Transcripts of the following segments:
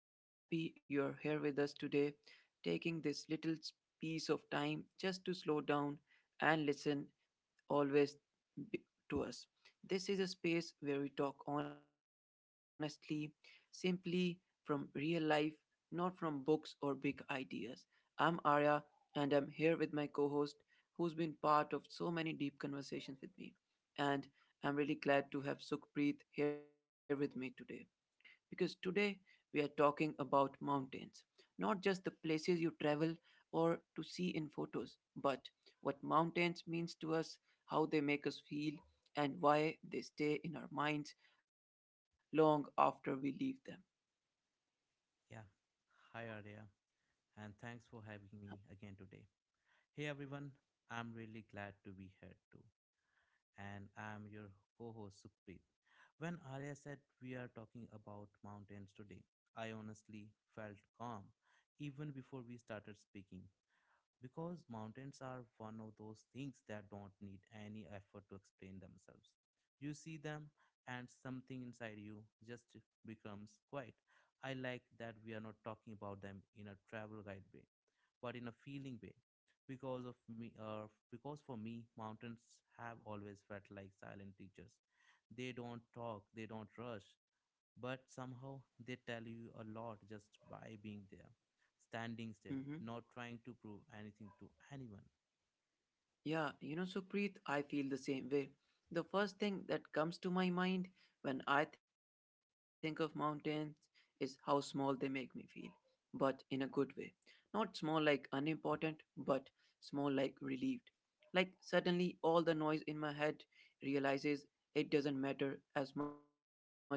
I'm really happy you're here with us today, taking this piece of time just to slow down and listen always b- to us. This is a space where we talk honestly, simply from real life, not from books or big ideas. I'm Arya and I'm here with my co host who's been part of so many deep conversations with me. And I'm really glad to have Sukhpreet here with me today because today we are talking about mountains, not just the places you travel or to see in photos, but what mountains means to us, how they make us feel, and why they stay in our minds long after we leave them. Yeah. Hi, Arya. And thanks for having me again today. Hey, everyone. I'm really glad to be here too. And I'm your co host, Sukhpreet. When Arya said we are talking about mountains today, I honestly felt calm even before we started speaking because mountains are one of those things that don't need any effort to explain themselves. You see them, and something inside you just becomes quiet. I like that we are not talking about them in a travel guide way, but in a feeling way. Because for me, mountains have always felt like silent teachers. They don't talk, they don't rush, but somehow they tell you a lot just by being there standing still, Mhm. not trying to prove anything to anyone. Yeah, you know, Supreet, I feel the same way. The first thing that comes to my mind when I think of mountains is how small they make me feel, but in a good way. Not small like unimportant, but small like relieved. Like suddenly all the noise in my head realizes it doesn't matter as much as I thought it did.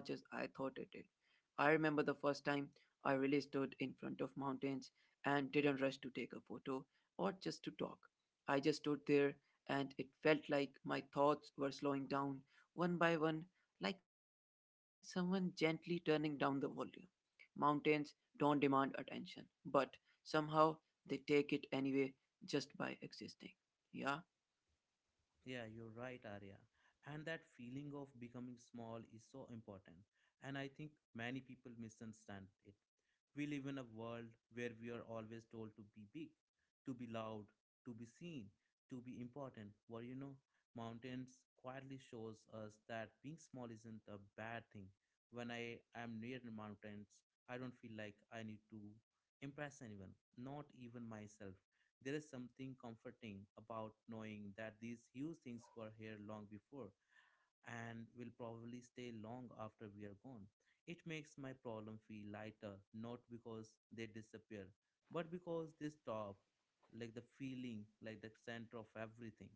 I remember the first time I really stood in front of mountains and didn't rush to take a photo or just to talk. I just stood there and it felt like my thoughts were slowing down one by one, like someone gently turning down the volume. Mountains don't demand attention, but somehow they take it anyway just by existing. Yeah. Yeah, you're right, Arya. And that feeling of becoming small is so important. And I think many people misunderstand it. We live in a world where we are always told to be big, to be loud, to be seen, to be important. Well, you know, mountains quietly shows us that being small isn't a bad thing. When I am near the mountains, I don't feel like I need to impress anyone, not even myself. There is something comforting about knowing that these huge things were here long before and will probably stay long after we are gone. It makes my problem feel lighter, not because they disappear, but because they stop, like the feeling, like the center of everything.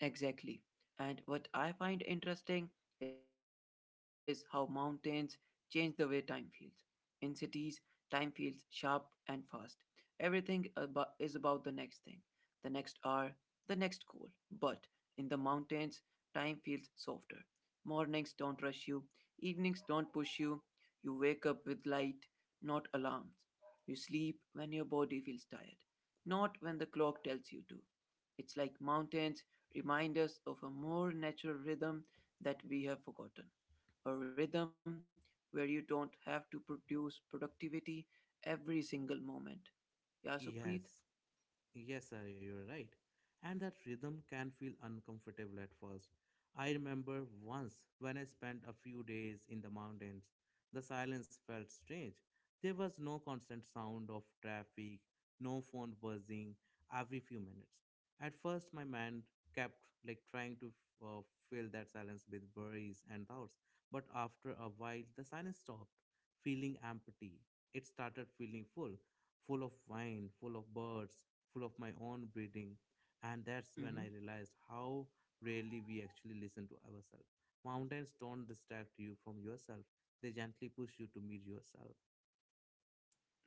Exactly. And what I find interesting is how mountains change the way time feels. In cities, time feels sharp and fast. Everything is about the next thing, the next hour, the next goal. But in the mountains, time feels softer. Mornings don't rush you, evenings don't push you. You wake up with light, not alarms. You sleep when your body feels tired, not when the clock tells you to. It's like mountains remind us of a more natural rhythm that we have forgotten. A rhythm where you don't have to produce productivity every single moment. Yeah, so Preet? Yes, Yes, sir, you're right. And that rhythm can feel uncomfortable at first. I remember once when I spent a few days in the mountains, the silence felt strange. There was no constant sound of traffic, no phone buzzing every few minutes. At first, my mind kept like trying to uh, fill that silence with worries and thoughts, but after a while, the silence stopped, feeling empty. It started feeling full full of wine, full of birds, full of my own breathing. And that's Mm-hmm. when I realized how rarely we actually listen to ourselves. Mountains don't distract you from yourself, they gently push you to meet yourself.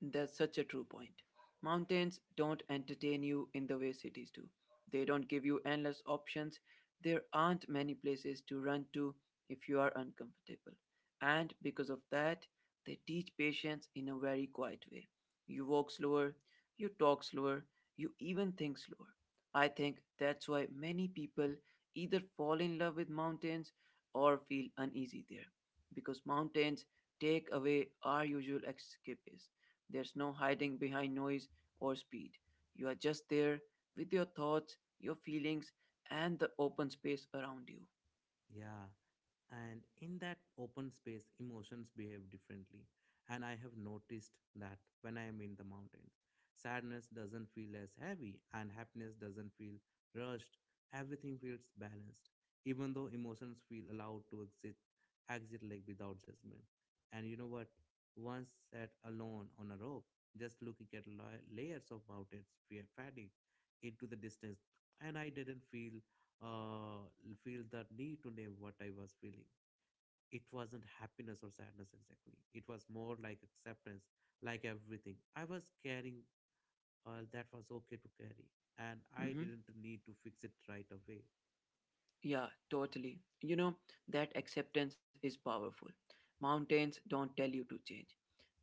That's such a true point. Mountains don't entertain you in the way cities do. They don't give you endless options. There aren't many places to run to if you are uncomfortable. And because of that, they teach patience in a very quiet way. You walk slower, you talk slower, you even think slower. I think that's why many people either fall in love with mountains or feel uneasy there, because mountains take away our usual escapism. There's no hiding behind noise or speed. You are just there with your thoughts, your feelings, and the open space around you. Yeah. And in that open space emotions behave differently, and I have noticed that when I am in the mountains sadness doesn't feel as heavy and happiness doesn't feel rushed. Everything feels balanced, even though emotions feel allowed to exit like without judgment. And you know what, once sat alone on a rope just looking at layers of mountains fear fading into the distance, and I didn't uh, feel the need to name what I was feeling. It wasn't happiness or sadness exactly. It was more like acceptance, like everything. I was carrying all that was okay to carry, and I Hmm. didn't need to fix it right away. Yeah, totally. You know, that acceptance is powerful. Mountains don't tell you to change.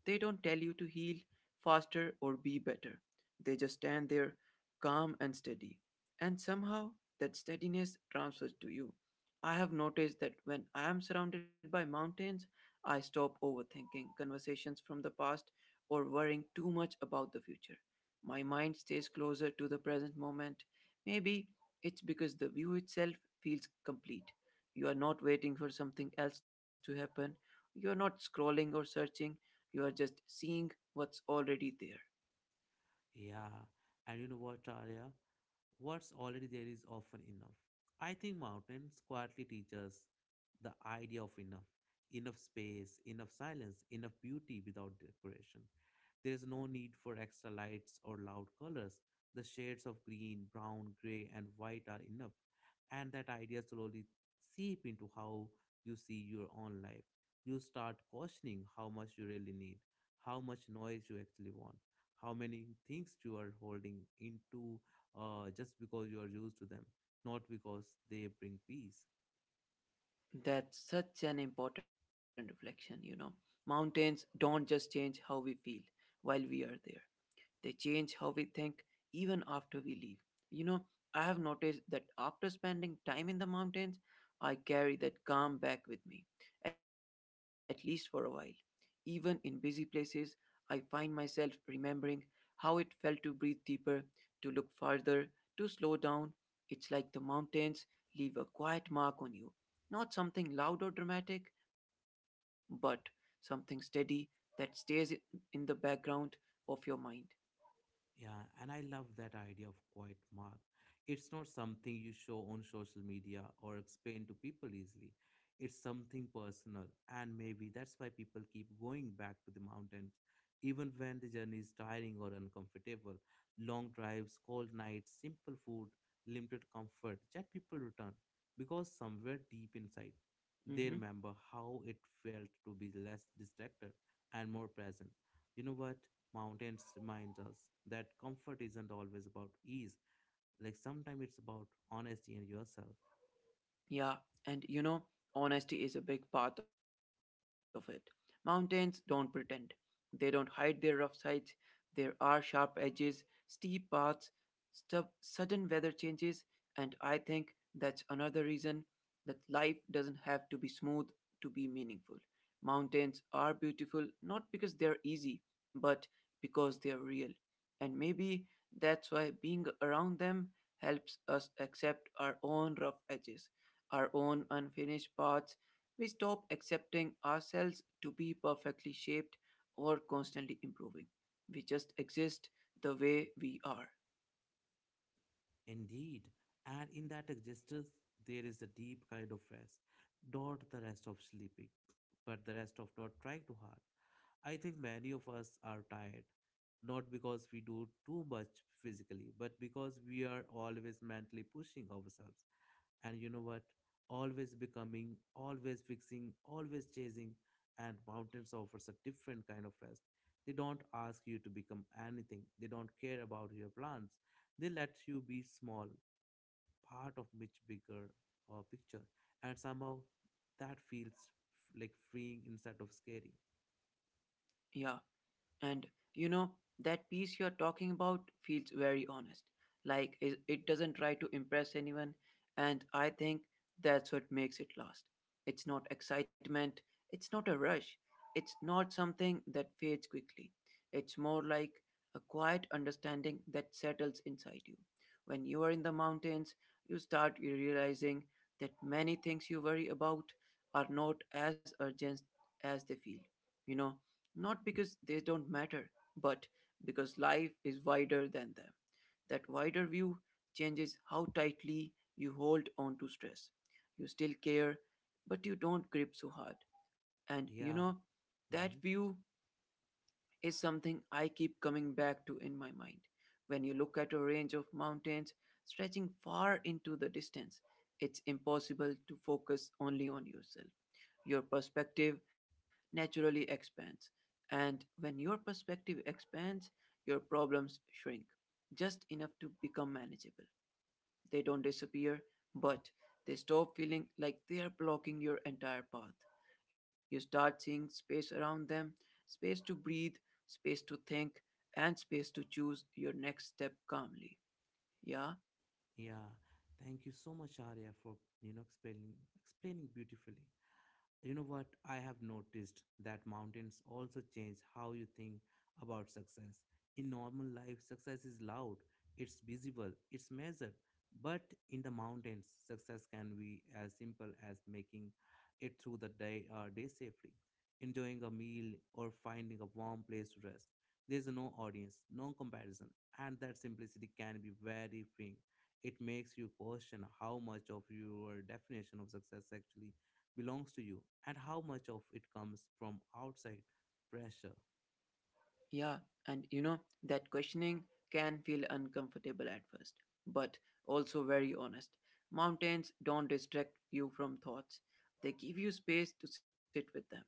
They don't tell you to heal faster or be better. They just stand there calm and steady. And somehow that steadiness transfers to you. I have noticed that when I am surrounded by mountains, I stop overthinking conversations from the past or worrying too much about the future. My mind stays closer to the present moment. Maybe it's because the view itself feels complete. You are not waiting for something else to happen. You are not scrolling or searching, you are just seeing what's already there. Yeah, and you know what, Arya? What's already there is often enough. I think mountains quietly teach us the idea of enough enough space, enough silence, enough beauty without decoration. There is no need for extra lights or loud colors. The shades of green, brown, gray, and white are enough. And that idea slowly seep into how you see your own life. You start questioning how much you really need, how much noise you actually want, how many things you are holding into just because you are used to them, not because they bring peace. That's such an important reflection, you know. Mountains don't just change how we feel while we are there. They change how we think even after we leave. You know, I have noticed that after spending time in the mountains, I carry that calm back with me, at least for a while. Even in busy places, I find myself remembering how it felt to breathe deeper, to look farther, to slow down. It's like the mountains leave a quiet mark on you. Not something loud or dramatic, but something steady that stays in the background of your mind. Yeah, and I love that idea of quiet mark. It's not something you show on social media or explain to people easily. It's something personal, and maybe that's why people keep going back to the mountains, even when the journey is tiring or uncomfortable. Long drives, cold nights, simple food, limited comfort, yet people return because somewhere deep inside they Mhm. remember how it felt to be less distracted and more present. You know what? Mountains reminds us that comfort isn't always about ease, like sometimes it's about honesty and yourself. Yeah, and you know, honesty is a big part of it. Mountains don't pretend. They don't hide their rough sides. There are sharp edges, steep paths, sudden weather changes, and I think that's another reason that life doesn't have to be smooth to be meaningful. Mountains are beautiful not because they're easy, but because they're real. And maybe that's why being around them helps us accept our own rough edges, our own unfinished parts. We stop accepting ourselves to be perfectly shaped or constantly improving. We just exist the way we are. Indeed, and in that existence, there is a deep kind of rest, not the rest of sleeping, but the rest of not trying too hard. I think many of us are tired, not because we do too much physically, but because we are always mentally pushing ourselves. And you know what, always becoming, always fixing, always chasing. And mountains offers a different kind of rest. They don't ask you to become anything, they don't care about your plans. They let you be small, part of much bigger picture. And somehow that feels like freeing instead of scary. Yeah. And you know, that piece you're talking about feels very honest. Like it doesn't try to impress anyone. And I think that's what makes it last. It's not excitement, it's not a rush, it's not something that fades quickly. It's more like a quiet understanding that settles inside you. When you are in the mountains, you start realizing that many things you worry about are not as urgent as they feel. You know, not because they don't matter, but because life is wider than them. That wider view changes how tightly you hold on to stress. You still care, but you don't grip so hard. And you Yeah. know, that Hmm. view is something I keep coming back to in my mind. When you look at a range of mountains stretching far into the distance, it's impossible to focus only on yourself. Your perspective naturally expands, and when your perspective expands, your problems shrink just enough to become manageable. They don't disappear, but they stop feeling like they are blocking your entire path. You start seeing space around them, space to breathe, space to think, and space to choose your next step calmly. Yeah, Yeah, thank you so much, Arya, for you know explaining beautifully. You know what? I have noticed that mountains also change how you think about success. In normal life, success is loud, it's visible, it's measured. But in the mountains, success can be as simple as making it through the day safely, enjoying a meal, or finding a warm place to rest. There's no audience, no comparison, and that simplicity can be very freeing. It makes you question how much of your definition of success actually belongs to you and how much of it comes from outside pressure. yeah, and you know, that questioning can feel uncomfortable at first, but also very honest. Mountains don't distract you from thoughts, they give you space to sit with them.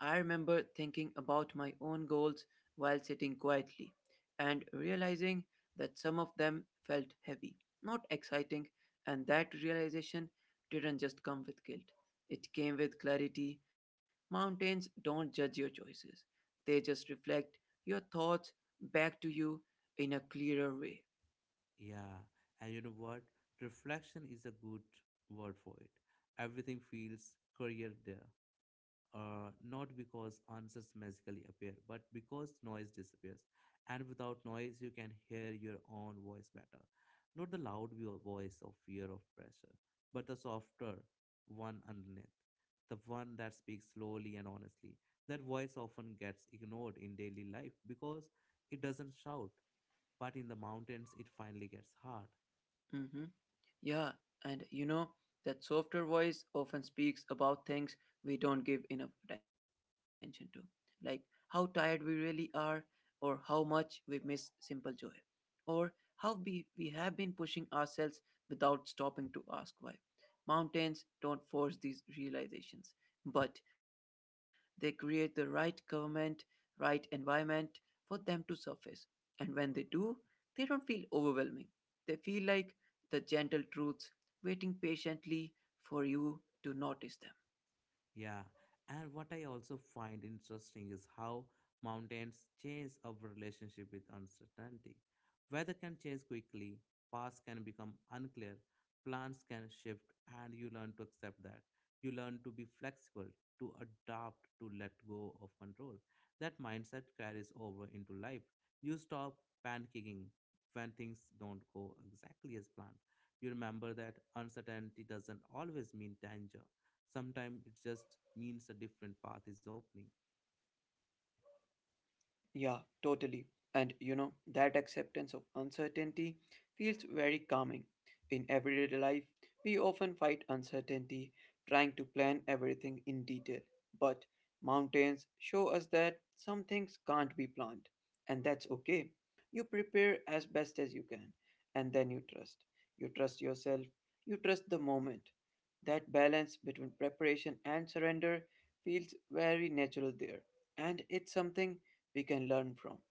I remember thinking about my own goals while sitting quietly and realizing that some of them felt heavy, not exciting, and that realization didn't just come with guilt. It came with clarity. Mountains don't judge your choices, they just reflect your thoughts back to you in a clearer way. Yeah, and you know what? Reflection is a good word for it. Everything feels career there. Not because answers magically appear, but because noise disappears. And without noise, you can hear your own voice better. Not the loud voice of fear of pressure, but the softer one underneath, the one that speaks slowly and honestly. That voice often gets ignored in daily life because it doesn't shout, but in the mountains, it finally gets heard. Mhm. Yeah, and you know, that softer voice often speaks about things we don't give enough attention to, like how tired we really are, or how much we miss simple joy, or how we have been pushing ourselves without stopping to ask why. Mountains don't force these realizations, but they create the right government, right environment for them to surface. And when they do, they don't feel overwhelming. They feel like the gentle truths waiting patiently for you to notice them. Yeah, and what I also find interesting is how mountains change our relationship with uncertainty. Weather can change quickly, paths can become unclear, plans can shift, and you learn to accept that. You learn to be flexible, to adapt, to let go of control. That mindset carries over into life. You stop panicking when things don't go exactly as planned. You remember that uncertainty doesn't always mean danger. Sometimes it just means a different path is opening. Yeah, totally. And you know, that acceptance of uncertainty feels very calming. In everyday life, we often fight uncertainty, trying to plan everything in detail. But mountains show us that some things can't be planned, and that's okay. You prepare as best as you can, and then you trust. You trust yourself, you trust the moment. That balance between preparation and surrender feels very natural there, and it's something we can learn from.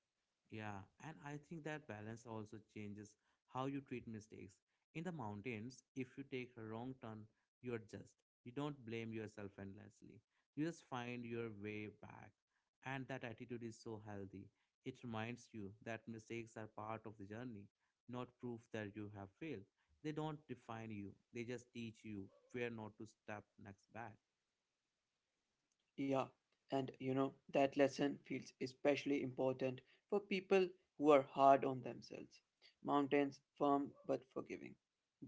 Yeah, and I think that balance also changes how you treat mistakes. In the mountains, if you take a wrong turn, you adjust. You don't blame yourself endlessly. You just find your way back. And that attitude is so healthy. It reminds you that mistakes are part of the journey, not proof that you have failed. They don't define you, they just teach you where not to step next back. Yeah, and you know, that lesson feels especially important for people who are hard on themselves. Mountains, firm but forgiving.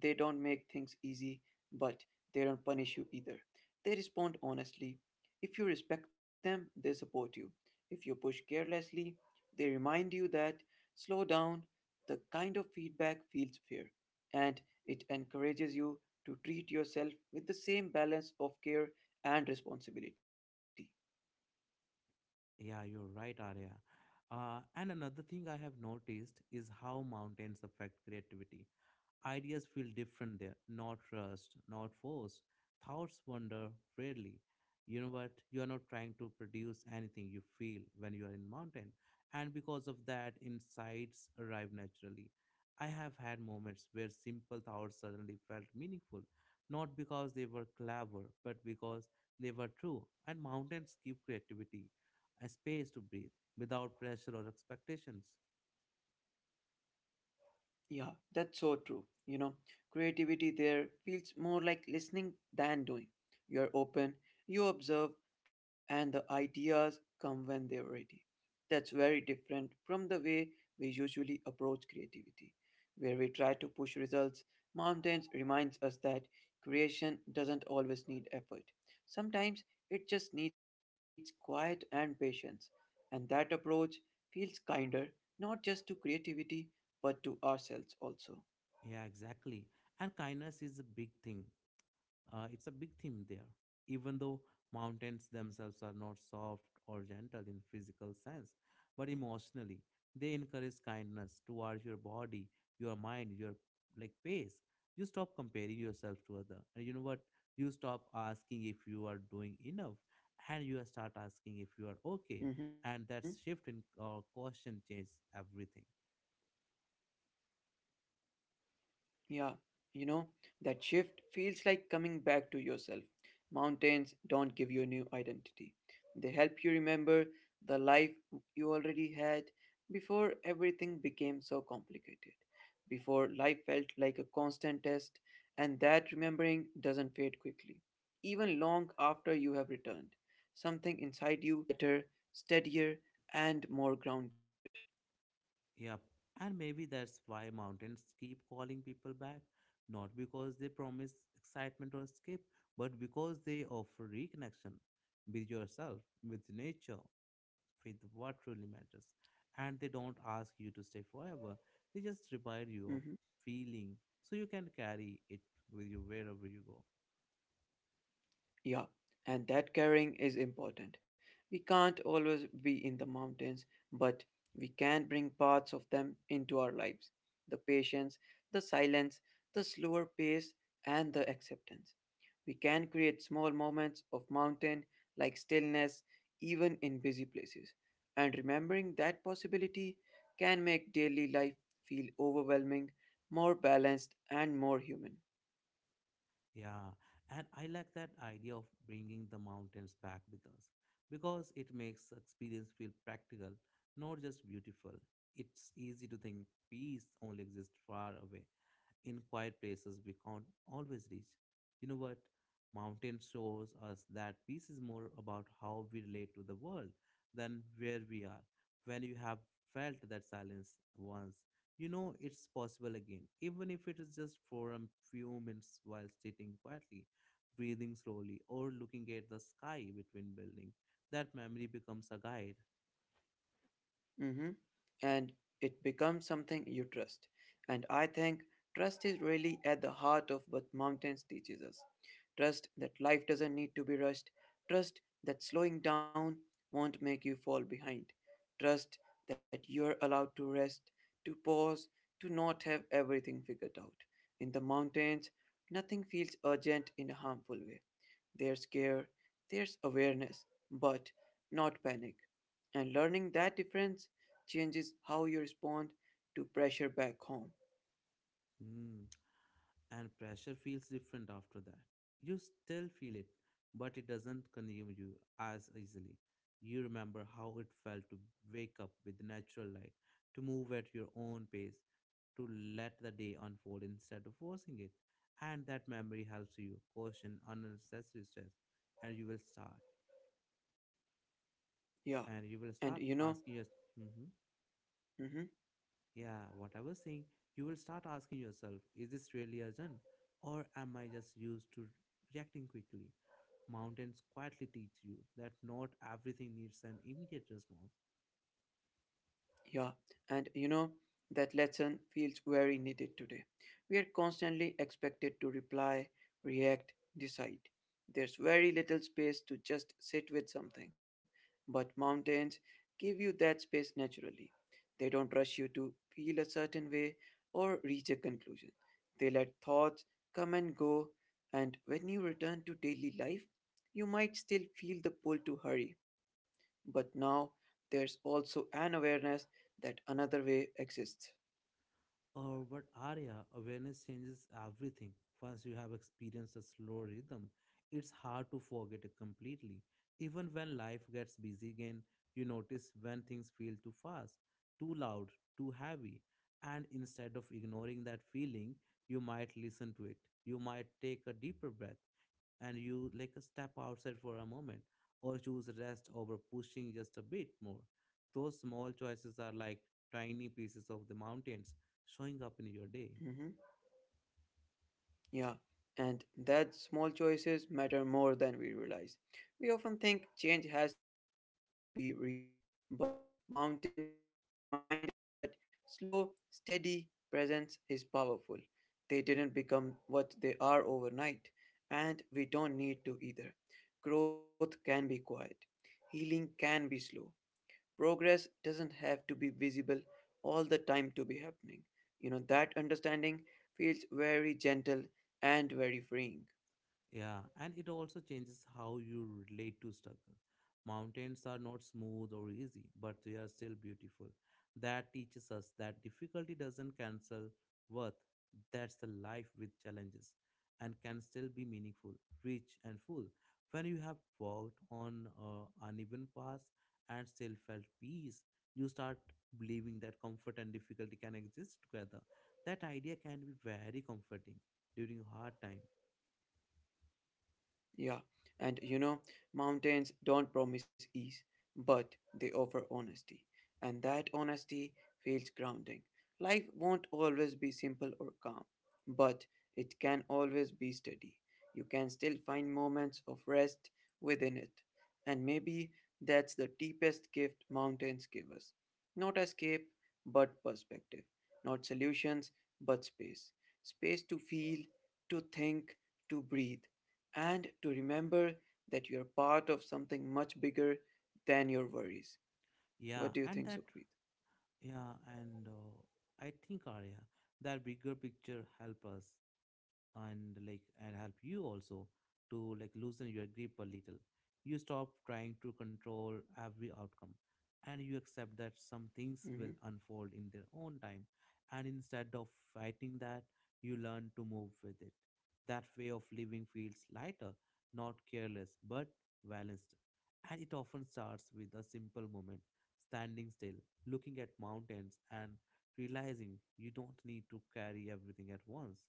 They don't make things easy, but they don't punish you either. They respond honestly. If you respect them, they support you. If you push carelessly, they remind you that slow down. The kind of feedback feels fair, and it encourages you to treat yourself with the same balance of care and responsibility. Yeah, you're right, Arya. And another thing I have noticed is how mountains affect creativity. Ideas feel different there, not rushed, not forced. Thoughts wander rarely. You know what? You are not trying to produce anything you feel when you are in mountain. And because of that, insights arrive naturally. I have had moments where simple thoughts suddenly felt meaningful, not because they were clever, but because they were true. And mountains give creativity a space to breathe without pressure or expectations. Yeah, that's so true. You know, creativity there feels more like listening than doing. You're open, you observe, and the ideas come when they're ready. That's very different from the way we usually approach creativity, where we try to push results. Mountains reminds us that creation doesn't always need effort. Sometimes it just needs quiet and patience, and that approach feels kinder, not just to creativity but to ourselves also. Yeah, exactly. And kindness is a big thing. It's a big theme there. Even though mountains themselves are not soft or gentle in physical sense, but emotionally, they encourage kindness towards your body, your mind, your like pace. You stop comparing yourself to other, and you know what? You stop asking if you are doing enough, and you start asking if you are okay. Hmm. And that shift in caution changes everything. Yeah, you know, that shift feels like coming back to yourself. Mountains don't give you a new identity, they help you remember the life you already had before everything became so complicated, before life felt like a constant test, and that remembering doesn't fade quickly. Even long after you have returned, something inside you stays quieter, steadier, and more grounded. Yep. And maybe that's why mountains keep calling people back, not because they promise excitement or escape, but because they offer reconnection with yourself, with nature, with what truly matters. And they don't ask you to stay forever, they just remind you of Mm-hmm. feeling so you can carry it with you wherever you go. Yeah, and that caring is important. We can't always be in the mountains, but we can bring parts of them into our lives, the patience, the silence, the slower pace, and the acceptance. We can create small moments of mountain like stillness, even in busy places. And remembering that possibility can make daily life feel overwhelming, more balanced, and more human. Yeah, and I like that idea of bringing the mountains back with us because it makes the experience feel practical, not just beautiful. It's easy to think peace only exists far away, in quiet places we can't always reach. You know what? Mountain shows us that peace is more about how we relate to the world than where we are. When you have felt that silence once, you know it's possible again, even if it is just for a few minutes while sitting quietly, breathing slowly, or looking at the sky between buildings. That memory becomes a guide. Mm-hmm. And it becomes something you trust. And I think trust is really at the heart of what mountains teaches us. Trust that life doesn't need to be rushed. Trust that slowing down won't make you fall behind. Trust that you're allowed to rest, to pause, to not have everything figured out. In the mountains, nothing feels urgent in a harmful way. There's care, there's awareness, but not panic. And learning that difference changes how you respond to pressure back home. Hmm. And pressure feels different after that. You still feel it, but it doesn't consume you as easily. You remember how it felt to wake up with natural light, to move at your own pace, to let the day unfold instead of forcing it. And that memory helps you caution unnecessary stress, and you will start. Yeah. And you will And start you know, asking yourself, mhm. yeah, what I was saying, you will start asking yourself, is this really urgent? Or am I just used to reacting quickly? Mountains quietly teach you that not everything needs an immediate response. Yeah, and you know, that lesson feels very needed today. We are constantly expected to reply, react, decide. There's very little space to just sit with something, but mountains give you that space naturally. They don't rush you to feel a certain way or reach a conclusion. They let thoughts come and go, and when you return to daily life, you might still feel the pull to hurry. But now there's also an awareness that another way exists. Or but area awareness changes everything. Once you have experienced a slow rhythm, it's hard to forget it completely. Even when life gets busy again, you notice when things feel too fast, too loud, too heavy. And instead of ignoring that feeling, you might listen to it. You might take a deeper breath and you like a step outside for a moment or choose rest over pushing just a bit more. Those small choices are like tiny pieces of the mountains showing up in your day. Mhm. Yeah, and that small choices matter more than we realize. We often think change has to be big to be real, but mountains remind us that slow, steady presence is powerful. They didn't become what they are overnight, and we don't need to either. Growth can be quiet, healing can be slow, progress doesn't have to be visible all the time to be happening. You know, that understanding feels very gentle and very freeing. Yeah, and it also changes how you relate to struggle. Mountains are not smooth or easy, but they are still beautiful. That teaches us that difficulty doesn't cancel worth. That's the life with challenges and can still be meaningful, rich, and full. When you have walked on uneven paths and still felt peace, you start believing that comfort and difficulty can exist together. That idea can be very comforting during hard time. Yeah, and you know, mountains don't promise ease, but they offer honesty. And that honesty feels grounding. Life won't always be simple or calm, but it can always be steady. You can still find moments of rest within it. And maybe that's the deepest gift mountains give us. Not escape, but perspective. Not solutions, but space. Space to feel, to think, to breathe and to remember that you're part of something much bigger than your worries. Yeah, What do you and think, that, Sukhpreet? yeah, and I think Arya, that bigger picture help us and like and help you also to like loosen your grip a little. You stop trying to control every outcome, and you accept that some things will Hmm. unfold in their own time. And instead of fighting that, you learn to move with it. That way of living feels lighter, not careless, but balanced. And it often starts with a simple moment standing still, looking at mountains, and realizing you don't need to carry everything at once.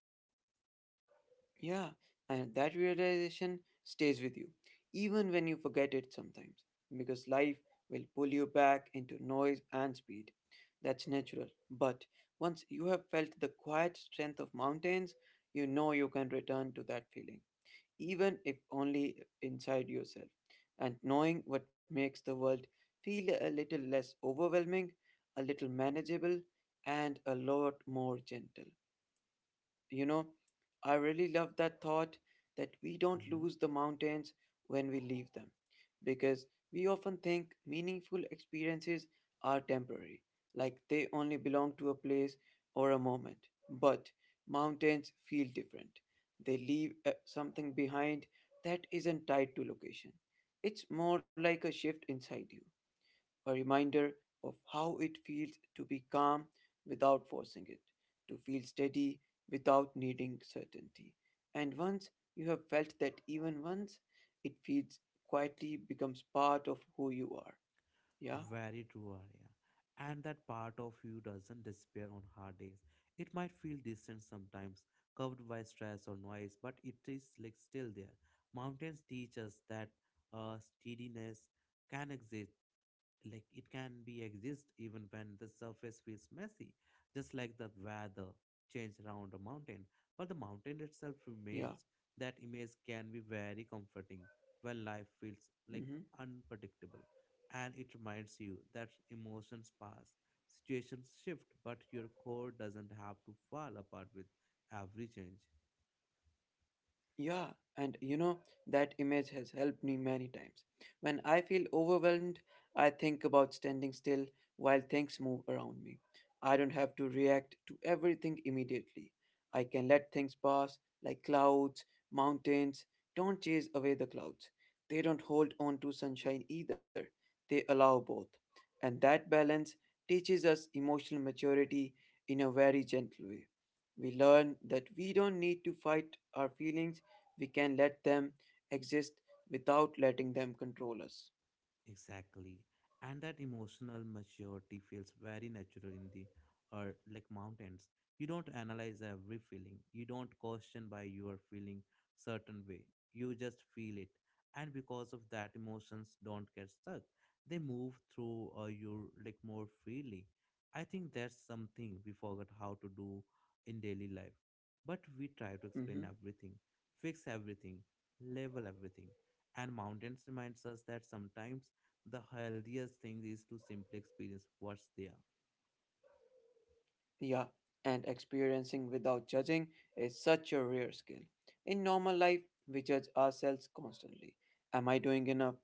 Yeah, and that realization stays with you, even when you forget it sometimes, because life will pull you back into noise and speed. That's natural. But once you have felt the quiet strength of mountains, you know you can return to that feeling, even if only inside yourself. And knowing what makes the world feel a little less overwhelming, a little manageable, and a lot more gentle. You know, I really love that thought that we don't lose the mountains when we leave them, because we often think meaningful experiences are temporary, like they only belong to a place or a moment. But mountains feel different. They leave something behind that isn't tied to location. It's more like a shift inside you, a reminder of how it feels to be calm without forcing it, to feel steady without needing certainty. And once you have felt that even once, it feels quietly becomes part of who you are. Yeah, Very true, Arya. And that part of you doesn't disappear on hard days. It might feel distant sometimes, covered by stress or noise, but it is like still there. Mountains teach us that steadiness can exist, like it can be exist even when the surface feels messy, just like the weather change around a mountain, but the mountain itself yeah. remains. That image can be very comforting when life feels like hmm unpredictable, and it reminds you that emotions pass, situations shift, but your core doesn't have to fall apart with every change. Yeah, and you know, that image has helped me many times. When I feel overwhelmed, I think about standing still while things move around me. I don't have to react to everything immediately. I can let things pass, like clouds, mountains. Don't chase away the clouds. They don't hold on to sunshine either, they allow both. And that balance teaches us emotional maturity in a very gentle way. We learn that we don't need to fight our feelings, we can let them exist without letting them control us. Exactly. And that emotional maturity feels very natural in the or like mountains. You don't analyze every feeling. You don't question why you are feeling certain way. You just feel it. And because of that emotions don't get stuck. They move through you like more freely. I think that's something we forgot how to do in daily life. But we try to explain Mhm. everything, fix everything, level everything, and mountains reminds us that sometimes the healthiest thing is to simply experience what's there. Yeah, and experiencing without judging is such a rare skill. In normal life, we judge ourselves constantly. Am I doing enough?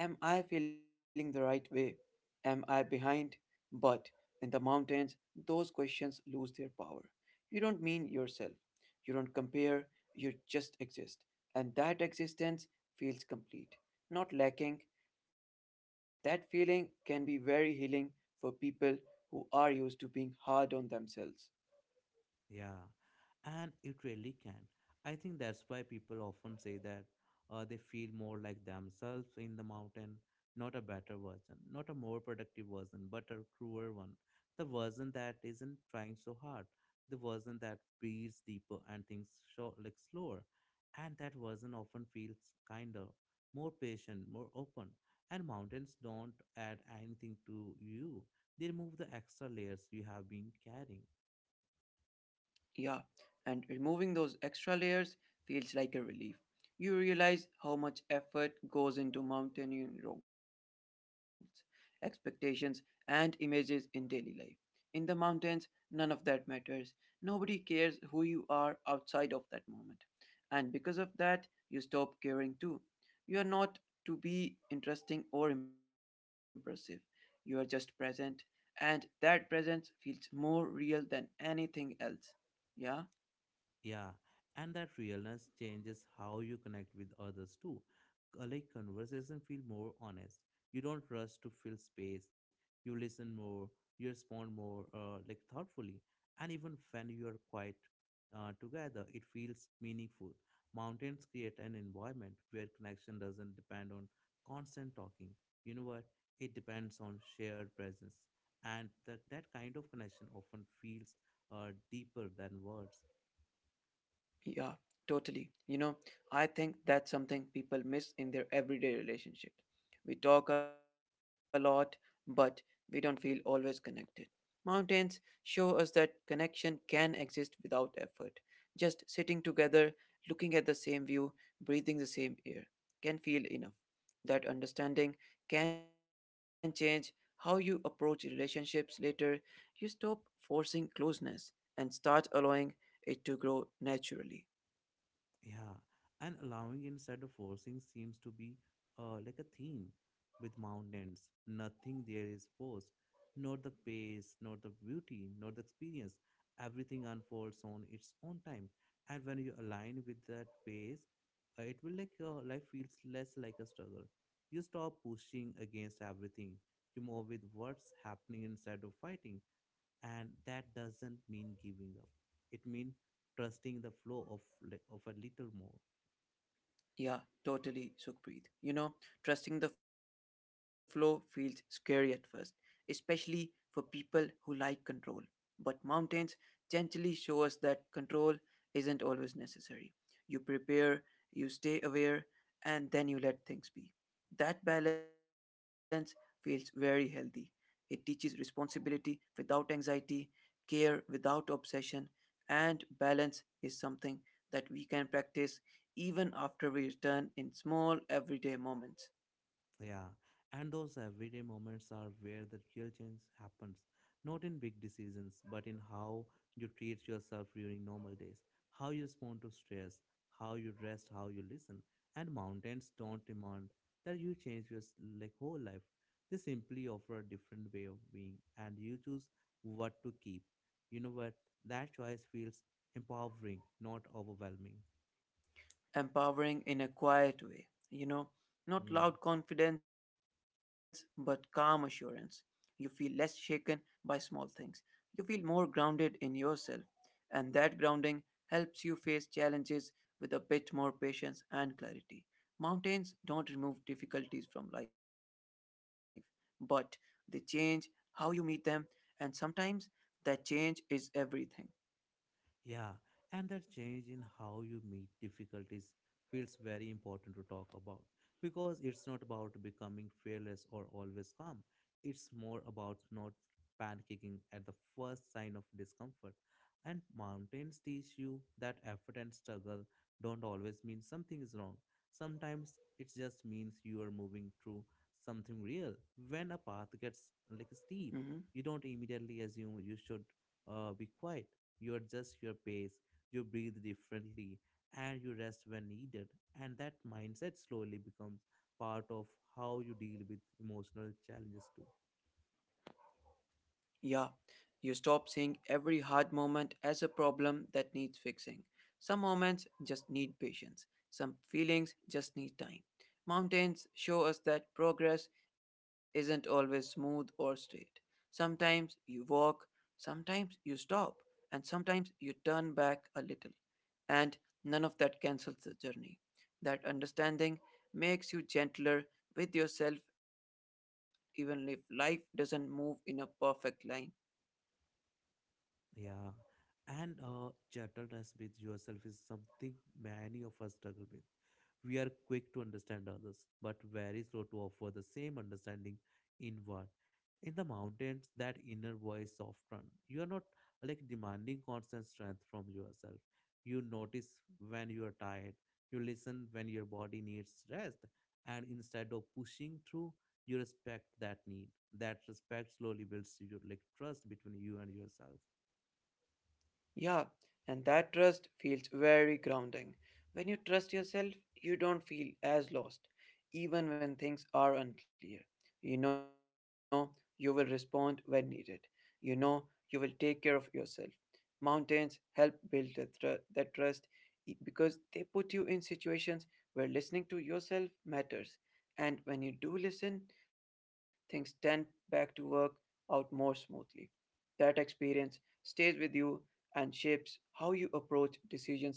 Am I feeling the right way? Am I behind? But in the mountains, those questions lose their power. You don't mean yourself. You don't compare. You just exist. And that existence feels complete, not lacking. That feeling can be very healing for people who are used to being hard on themselves. Yeah, and it really can. I think that's why people often say that they feel more like themselves in the mountain, not a better version, not a more productive version, but a truer one. The version that isn't trying so hard, the version that breathes deeper and thinks short, like slower. And that version often feels kinder, more patient, more open. And mountains don't add anything to you, they remove the extra layers you have been carrying. Yeah, and removing those extra layers feels like a relief. You realize how much effort goes into mountaineering roles, expectations, and images in daily life. In the mountains, none of that matters. Nobody cares who you are outside of that moment. And because of that, you stop caring too. You are not to be interesting or impressive. You are just present, and that presence feels more real than anything else. Yeah? Yeah, and that realness changes how you connect with others too. Like conversation feel more honest. You don't rush to fill space. You listen more. You respond more, like thoughtfully. And even when you are quiet together, it feels meaningful. Mountains create an environment where connection doesn't depend on constant talking. You know what? It depends on shared presence, and that kind of connection often feels deeper than words. Yeah, totally. You know, I think that's something people miss in their everyday relationships. We talk a lot, but we don't feel always connected. Mountains show us that connection can exist without effort. Just sitting together, looking at the same view, breathing the same air can feel enough. That understanding can change how you approach relationships later. You stop forcing closeness and start allowing it to grow naturally. Yeah, and allowing instead of forcing seems to be like a theme with mountains. Nothing there is forced, nor the pace, nor the beauty, nor the experience. Everything unfolds on its own time, and when you align with that pace, it will like your life feels less like a struggle. You stop pushing against everything. You move with what's happening instead of fighting, and that doesn't mean giving up, it means trusting the flow of of a little more. Yeah, totally, Sukhpreet. You know, trusting the flow feels scary at first, especially for people who like control. But mountains gently show us that control isn't always necessary. You prepare, you stay aware, and then you let things be. That balance feels very healthy. It teaches responsibility without anxiety, care without obsession, and balance is something that we can practice even after we return in small everyday moments, Yeah, and those everyday moments are where the real change happens. Not in big decisions, but in how you treat yourself during normal days, how you respond to stress, how you rest, how you listen. And mountains don't demand that you change your like whole life. They simply offer a different way of being, and you choose what to keep. You know what? That choice feels empowering, not overwhelming. empowering in a quiet way. You know, not Hmm. loud confidence, but calm assurance. You feel less shaken by small things. You feel more grounded in yourself, and that grounding helps you face challenges with a bit more patience and clarity. Mountains don't remove difficulties from life, but they change how you meet them, and sometimes that change is everything. Yeah, and that change in how you meet difficulties feels very important to talk about because it's not about becoming fearless or always calm. It's more about not panicking at the first sign of discomfort. And mountains teach you that effort and struggle don't always mean something is wrong. Sometimes it just means you are moving through something real. When a path gets like Mm-hmm. steep, you don't immediately assume you should be quiet, you adjust your pace, you breathe differently, and you rest when needed. And that mindset slowly becomes part of how you deal with emotional challenges too. Yeah, you stop seeing every hard moment as a problem that needs fixing. Some moments just need patience. Some feelings just need time. Mountains show us that progress isn't always smooth or straight. Sometimes you walk, sometimes you stop, and sometimes you turn back a little. And none of that cancels the journey. That understanding makes you gentler with yourself even if life doesn't move in a perfect line. Yeah. And gentleness with yourself is something many of us struggle with. We are quick to understand others, but very slow to offer the same understanding inward. In the mountains, that inner voice often. You are not like demanding constant strength from yourself. You notice when you are tired. You listen when your body needs rest. And instead of pushing through, you respect that need. That respect slowly builds your like trust between you and yourself. Yeah, and that trust feels very grounding. When you trust yourself, you don't feel as lost, even when things are unclear. You know you will respond when needed. You know you will take care of yourself. Mountains help build that trust because they put you in situations where listening to yourself matters. And when you do listen, things tend back to work out more smoothly, that experience stays with you and shapes how you approach decisions later.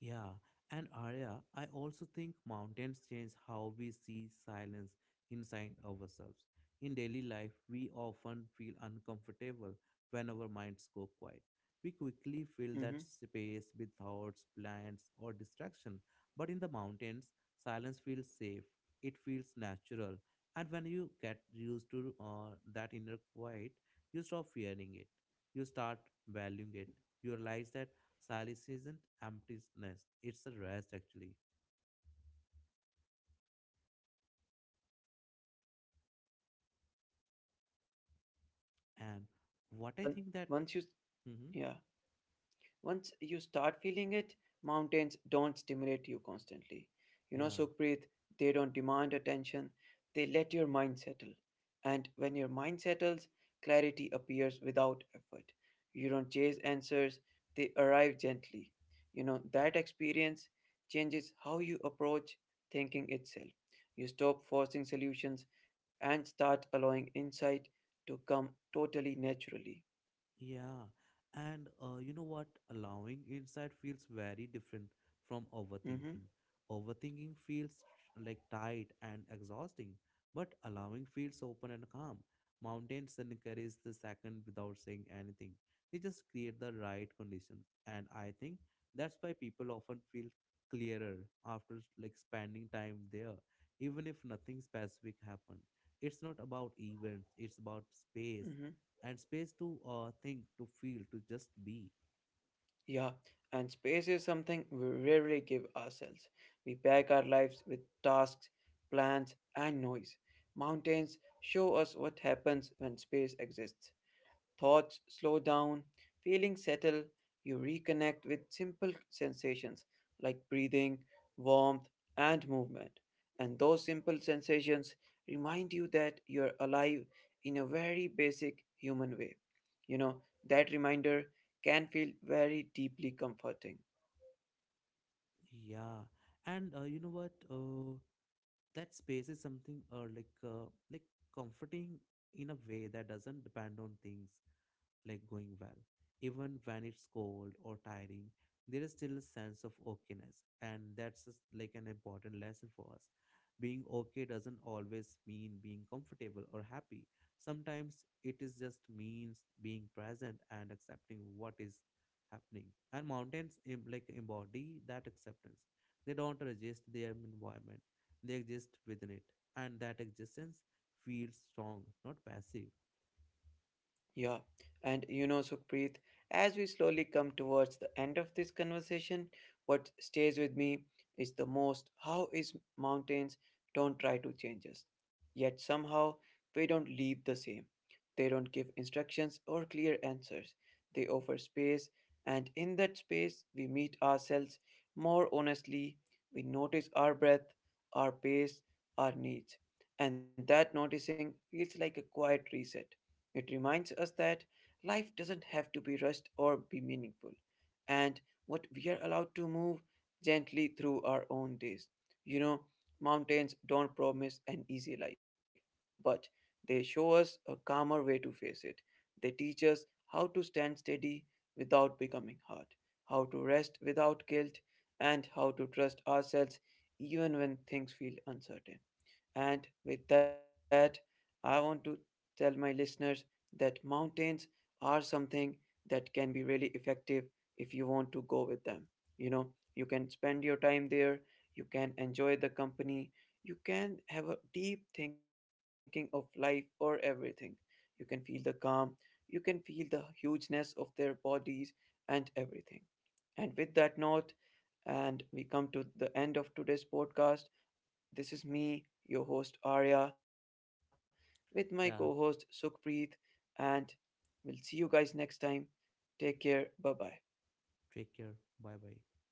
Yeah, and Arya, I also think mountains change how we see silence inside ourselves. In daily life, we often feel uncomfortable when our minds go quiet. We quickly fill Mhm. that space with thoughts, plans, or distraction. But in the mountains, silence feels safe, it feels natural. And when you get used to that inner quiet, you stop fearing it, you start valuing it. You realize that silence isn't emptiness; it's a rest actually. And what I When, think that, once you, hmm, yeah, once you start feeling it, mountains don't stimulate you constantly. You know, yeah. Sukhpreet, they don't demand attention, they let your mind settle. And when your mind settles, clarity appears without effort. You don't chase answers, they arrive gently. You know, that experience changes how you approach thinking itself. You stop forcing solutions and start allowing insight to come totally naturally. Yeah, and you know what? Allowing insight feels very different from Mm-hmm, overthinking. Overthinking feels like tight and exhausting, but allowing feels open and calm. Mountains encourage the second without saying anything. They just create the right conditions, and I think that's why people often feel clearer after like spending time there, even if nothing specific happened. It's not about events; it's about space mm-hmm. and space to think, to feel, to just be. Yeah, and space is something we rarely give ourselves. We pack our lives with tasks, plans, and noise. Mountains show us what happens when space exists. Thoughts slow down, feelings settle, you reconnect with simple sensations like breathing, warmth, and movement. And those simple sensations remind you that you're alive in a very basic human way. You know, that reminder can feel very deeply comforting. Yeah, and you know what? That space is something like comforting in a way that doesn't depend on things. Like going well. Even when it's cold or tiring, there is still a sense of okayness, and that's just like an important lesson for us. Being okay doesn't always mean being comfortable or happy. Sometimes it is just means being present and accepting what is happening. And mountains like embody that acceptance. They don't resist their environment; they exist within it, and that existence feels strong, not passive. Yeah, and you know, Sukhpreet, as we slowly come towards the end of this conversation, what stays with me is the most how is mountains don't try to change us, yet somehow they don't leave the same. They don't give instructions or clear answers. They offer space, and in that space, we meet ourselves more honestly. We notice our breath, our pace, our needs, and that noticing feels like a quiet reset, it reminds us that life doesn't have to be rushed or be meaningful, and what we are allowed to move gently through our own days. You know, mountains don't promise an easy life, but they show us a calmer way to face it. They teach us how to stand steady without becoming hard, how to rest without guilt, and how to trust ourselves even when things feel uncertain. And with that, I want to tell my listeners that mountains are something that can be really effective if you want to go with them. You know, you can spend your time there, you can enjoy the company, you can have a deep thinking of life or everything. You can feel the calm, you can feel the hugeness of their bodies and everything. And with that note, and we come to the end of today's podcast. This is me, your host Arya, with my co host Yeah, Sukhpreet, and we'll see you guys next time. Take care. Bye bye. take care. Bye bye.